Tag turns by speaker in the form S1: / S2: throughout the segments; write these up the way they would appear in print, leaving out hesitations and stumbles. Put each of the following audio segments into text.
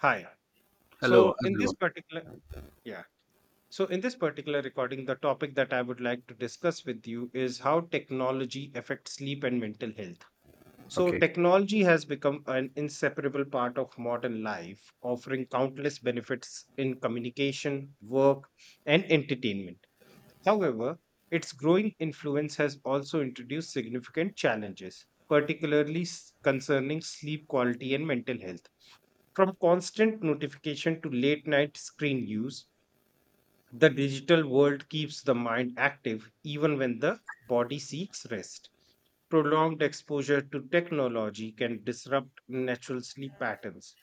S1: Hi.
S2: Hello,
S1: So
S2: how's
S1: in
S2: it
S1: this
S2: going?
S1: particular, yeah. So in this particular recording, the topic that I would like to discuss with you is how technology affects sleep and mental health. So
S2: Okay,
S1: technology has become an inseparable part of modern life, offering countless benefits in communication, work, and entertainment. However, its growing influence has also introduced significant challenges, concerning sleep quality and mental health. From constant notification to late night screen use, the digital world keeps the mind active even when the body seeks rest. Prolonged exposure to technology can disrupt natural sleep patterns,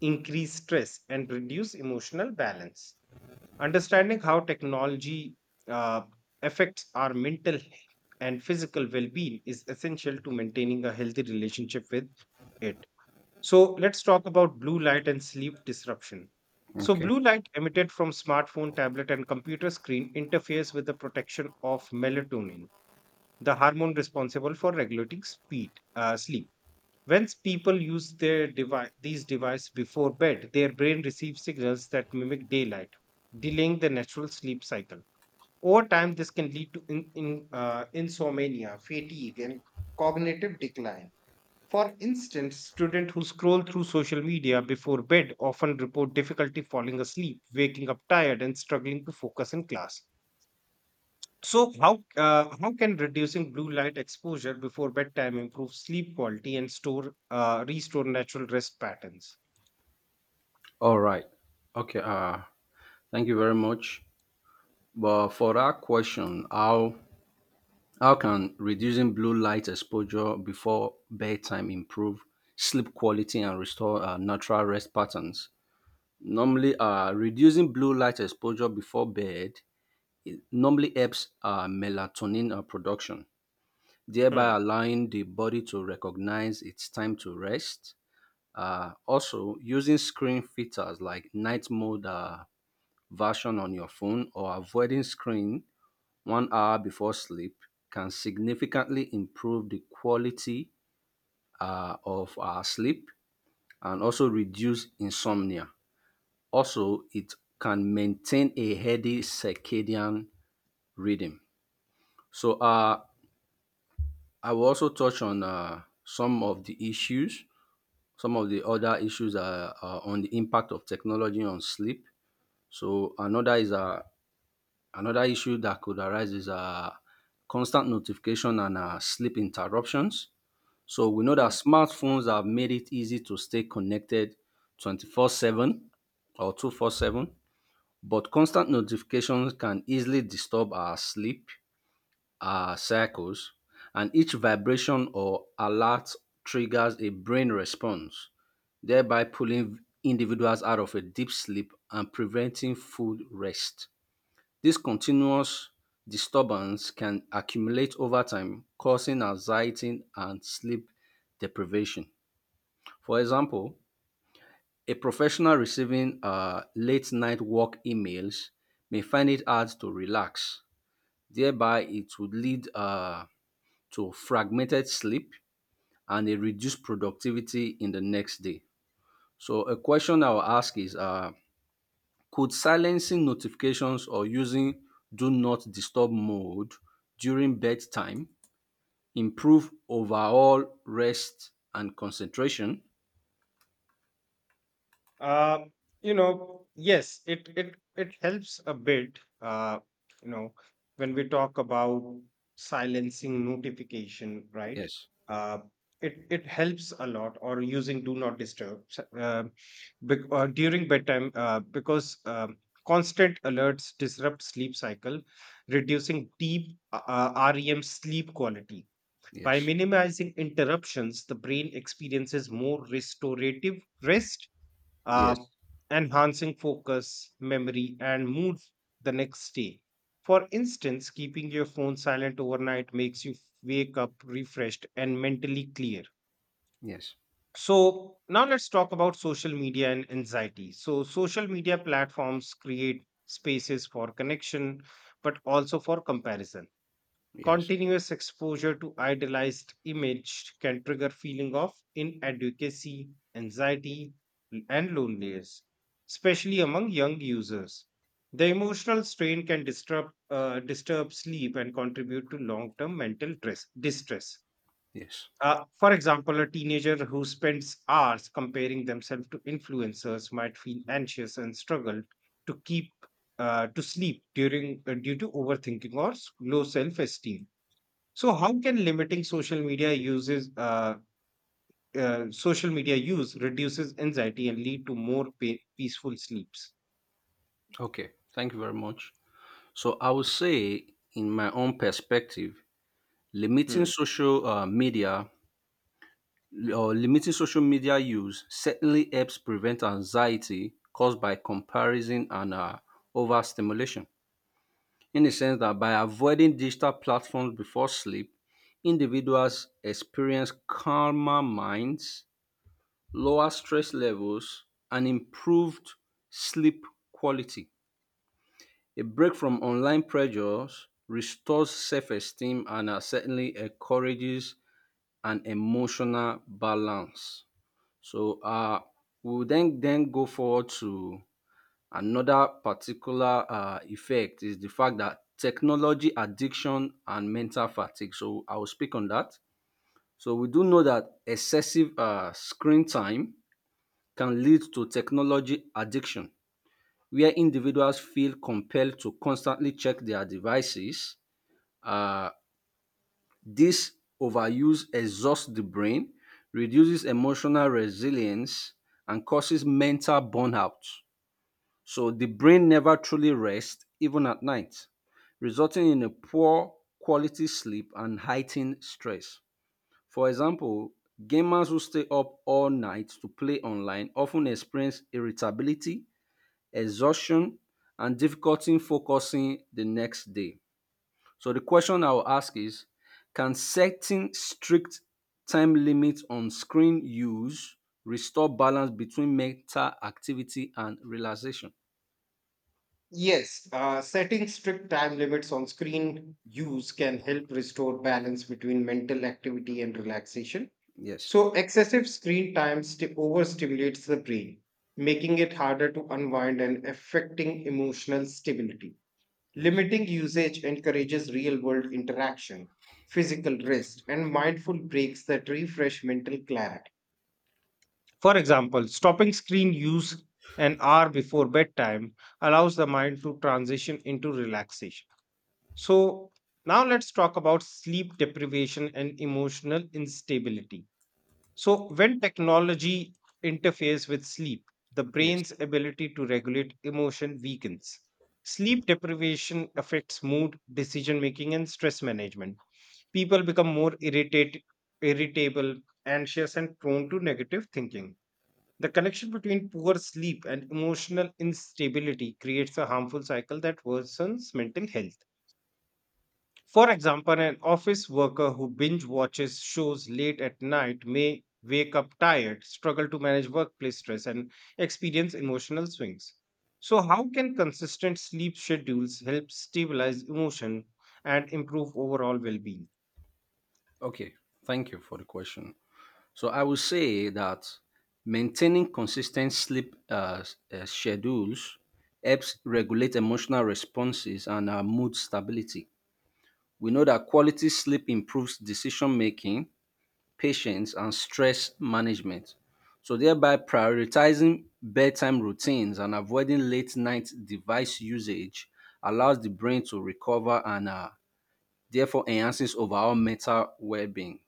S1: increase stress, and reduce emotional balance. Understanding how technology uh, affects our mental and physical well being is essential to maintaining a healthy relationship with it. So let's talk about blue light and sleep disruption. So,
S2: okay,
S1: blue light emitted from smartphone, tablet, and computer screen interferes with the protection of melatonin, the hormone responsible for regulating sleep. When people these devices before bed, their brain receives signals that mimic daylight, delaying the natural sleep cycle. Over time, this can lead to insomnia, fatigue, and cognitive decline. For instance, students who scroll through social media before bed often report difficulty falling asleep, waking up tired, and struggling to focus in class. So, how can reducing blue light exposure before bedtime improve sleep quality and store restore natural rest patterns?
S2: all right, okay. Thank you very much. But for that question, how can reducing blue light exposure before bedtime improve sleep quality and restore natural rest patterns? Normally, reducing blue light exposure before bed it normally helps melatonin production,
S1: Hmm,
S2: thereby allowing the body to recognize it's time to rest. Also, using screen filters like night mode version on your phone or avoiding screen 1 hour before sleep can significantly improve the quality of our sleep and also reduce insomnia. Also, it can maintain a healthy circadian rhythm. So, uh, I will also touch on some of the issues, some of the other issues on the impact of technology on sleep. So another is a another issue that could arise is constant notification and sleep interruptions. So we know that
S1: hmm.
S2: smartphones have made it easy to stay connected 24/7 or 247, but constant notifications can easily disturb our sleep, our cycles, and each vibration or alert triggers a brain response, thereby pulling individuals out of a deep sleep and preventing full rest. This continuous disturbance can accumulate over time, causing anxiety and sleep deprivation. For example, a professional receiving late night work emails may find it hard to relax. Thereby, it would lead to fragmented sleep and a reduced productivity in the next day. So, a question I will ask is, could silencing notifications or using "do not disturb" mode during bedtime improve overall rest and concentration?
S1: Uh, yes, it helps a bit. You know, when we talk about silencing notification, right?
S2: Yes,
S1: Uh, it helps a lot. Or using do not disturb bec- during bedtime because constant alerts disrupt sleep cycle, reducing deep REM sleep quality. By
S2: yes,
S1: minimizing interruptions, the brain experiences more restorative rest uh,
S2: yes,
S1: enhancing focus, memory, and mood the next day. For instance, keeping your phone silent overnight makes you wake up refreshed and mentally clear.
S2: yes,
S1: So, now let's talk about social media and anxiety. So, social media platforms create spaces for connection, but also for comparison.
S2: yes,
S1: Continuous exposure to idealized image can trigger feeling of inadequacy, anxiety, and loneliness, especially among young users. The emotional strain can disturb sleep and contribute to long-term mental distress.
S2: yes.
S1: For example, a teenager who spends hours comparing themselves to influencers might feel anxious and struggle to keep to sleep during due to overthinking or low self-esteem. So how can limiting social media use reduces anxiety and lead to more peaceful sleeps?
S2: Okay, thank you very much. So I would say, in my own perspective, limiting
S1: Hmm.
S2: social media or limiting social media use certainly helps prevent anxiety caused by comparison and overstimulation, in the sense that by avoiding digital platforms before sleep, individuals experience calmer minds, lower stress levels, and improved sleep quality. A break from online pressures restores self esteem and certainly encourages an emotional balance. So, uh, we will then go forward to another particular effect, is the fact that technology addiction and mental fatigue. So I will speak on that. So we do know that excessive screen time can lead to technology addiction, where individuals feel compelled to constantly check their devices. Uh, this overuse exhausts the brain, reduces emotional resilience, and causes mental burnout. So the brain never truly rests, even at night, resulting in a poor quality sleep and heightened stress. For example, gamers who stay up all night to play online often experience irritability, exhaustion, and difficulty in focusing the next day. So the question I will ask is, can setting strict time limits on screen use restore balance between mental activity and relaxation?
S1: Yes, setting strict time limits on screen use can help restore balance between mental activity and relaxation.
S2: Yes.
S1: So, excessive screen time sti- overstimulates the brain, making it harder to unwind and affecting emotional stability.
S2: Yes.
S1: Limiting usage encourages real world interaction, physical rest, and mindful breaks that refresh mental clarity. For example, stopping screen use an hour before bedtime allows the mind to transition into relaxation. So, now let's talk about sleep deprivation and emotional instability. So, when technology interferes with sleep, the
S2: Yes.
S1: brain's ability to regulate emotion weakens. Sleep deprivation affects mood, decision making, and stress management. People become more irritable, anxious, and prone to negative thinking. The connection between poor sleep and emotional instability creates a harmful cycle that worsens mental health. For example, an office worker who binge watches shows late at night may wake up tired, struggle to manage workplace stress, and experience emotional swings. So, how can consistent sleep schedules help stabilize emotion and improve overall well being?
S2: Okay. Thank you for the question. So I will say that maintaining consistent sleep schedules helps regulate emotional responses and our mood stability. We know that quality sleep improves decision making, patience, and stress management. So thereby prioritizing bedtime routines and avoiding late night device usage allows the brain to recover and therefore enhances overall mental well-being.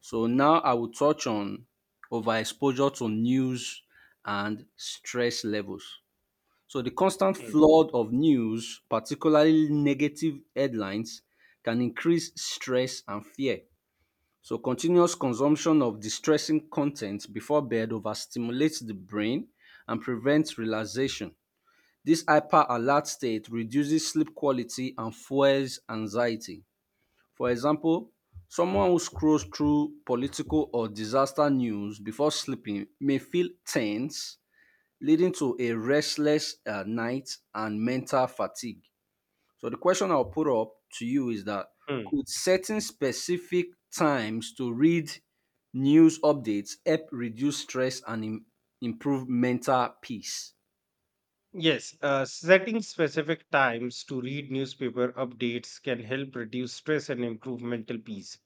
S2: So now I will touch on overexposure to news and stress levels. So the constant
S1: Hmm.
S2: flood of news, particularly negative headlines, can increase stress and fear. So continuous consumption of distressing content before bed overstimulates the brain and prevents relaxation. This hyper alert state reduces sleep quality and fuels anxiety. For example, someone who scrolls through political or disaster news before sleeping may feel tense, leading to a restless night and mental fatigue. So, the question I'll put up to you is that,
S1: Hmm.
S2: could setting specific times to read news updates help reduce stress and improve mental peace?
S1: Yes, setting specific times to read newspaper updates can help reduce stress and improve mental peace.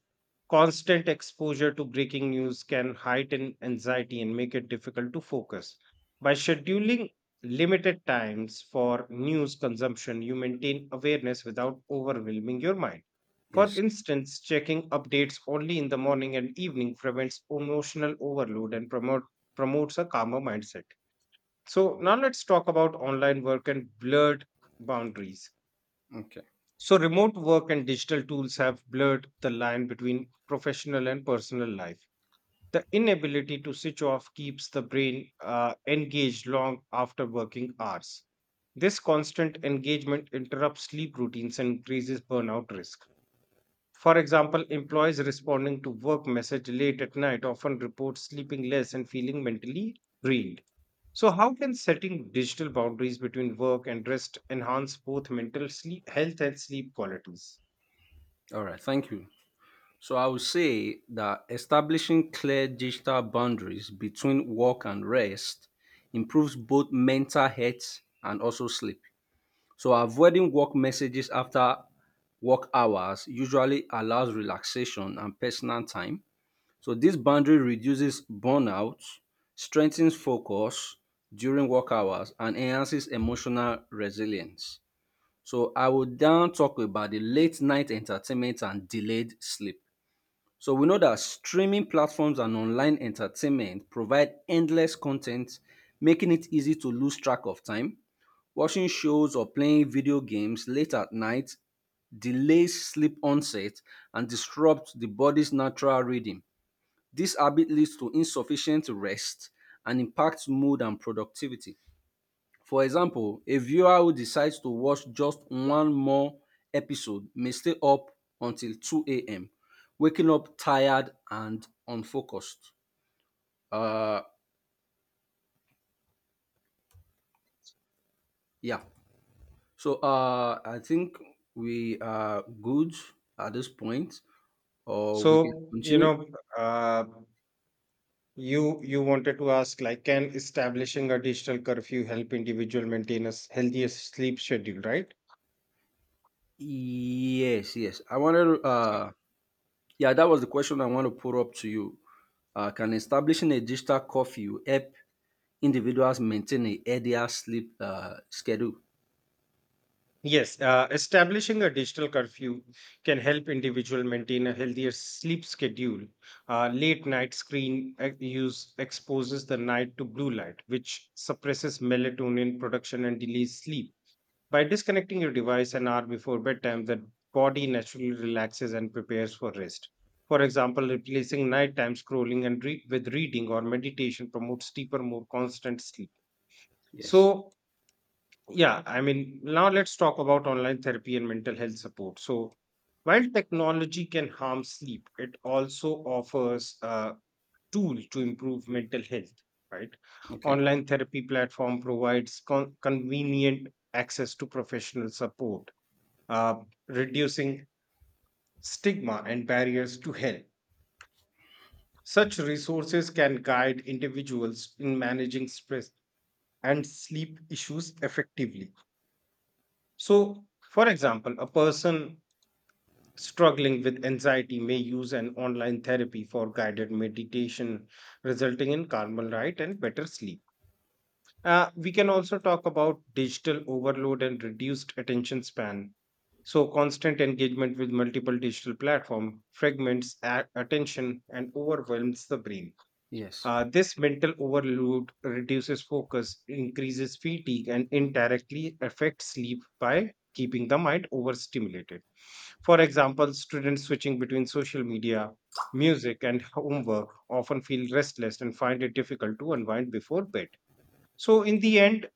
S1: Constant exposure to breaking news can heighten anxiety and make it difficult to focus. By scheduling limited times for news consumption, you maintain awareness without overwhelming your mind. For
S2: Yes.
S1: instance, checking updates only in the morning and evening prevents emotional overload and promotes a calmer mindset. So now let's talk about online work and blurred boundaries.
S2: Okay.
S1: So remote work and digital tools have blurred the line between professional and personal life. The inability to switch off keeps the brain engaged long after working hours. This constant engagement interrupts sleep routines and increases burnout risk. For example, employees responding to work message late at night often report sleeping less and feeling mentally drained. So, how can setting digital boundaries between work and rest enhance both mental sleep health and sleep qualities?
S2: All right. Thank you. So I would say that establishing clear digital boundaries between work and rest improves both mental health and also sleep. So avoiding work messages after work hours usually allows relaxation and personal time. So this boundary reduces burnout, strengthens focus during work hours, and enhances emotional resilience. So I will now talk about the late night entertainment and delayed sleep. So we know that streaming platforms and online entertainment provide endless content, making it easy to lose track of time. Watching shows or playing video games late at night delays sleep onset and disrupts the body's natural rhythm. This habit leads to insufficient rest and impacts mood and productivity. For example, a viewer who decides to watch just one more episode may stay up until 2 a.m., waking up tired and unfocused. Uh, yeah. I think we are good at this point, or we can
S1: So,
S2: continue.
S1: uh, you you wanted to ask like, can establishing a digital curfew help individual maintain a healthier sleep schedule, right?
S2: Yes, yeah, that was the question I want to put up to you. Can establishing a digital curfew help individuals maintain a healthier sleep schedule?
S1: Yes, establishing a digital curfew can help individual maintain a healthier sleep schedule. Late night screen use exposes the night to blue light, which suppresses melatonin production and delays sleep. By disconnecting your device an hour before bedtime, the body naturally relaxes and prepares for rest. For example, replacing nighttime scrolling and read with reading or meditation promotes deeper, more constant sleep.
S2: Yes.
S1: So, yeah, I mean, now let's talk about online therapy and mental health support. So, while technology can harm sleep, it also offers a tool to improve mental health, right?
S2: Okay.
S1: Online therapy platform provides convenient access to professional support, uh, reducing stigma and barriers to help. Such resources can guide individuals in managing stress and sleep issues effectively. So, for example, a person struggling with anxiety may use an online therapy for guided meditation, resulting in calmer night and better sleep. We can also talk about digital overload and reduced attention span. So, constant engagement with multiple digital platform fragments attention and overwhelms the brain.
S2: Yes.
S1: This mental overload reduces focus, increases fatigue, and indirectly affects sleep by keeping the mind overstimulated. For example, students switching between social media, music, and homework often feel restless and find it difficult to unwind before bed. So, in the end,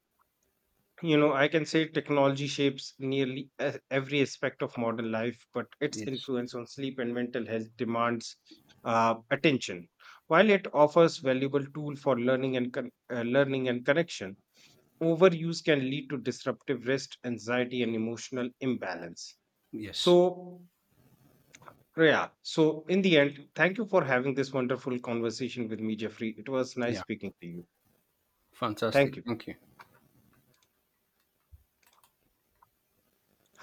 S1: you know, I can say technology shapes nearly every aspect of modern life, but its
S2: Yes.
S1: influence on sleep and mental health demands attention. While it offers valuable tool for learning and learning and connection, overuse can lead to disruptive rest, anxiety and emotional imbalance.
S2: Yes.
S1: So yeah, so in the end, thank you for having this wonderful conversation with me, Jeffrey. It was nice
S2: Yeah.
S1: speaking to you. Thank
S2: Fantastic.
S1: you.
S2: Thank you.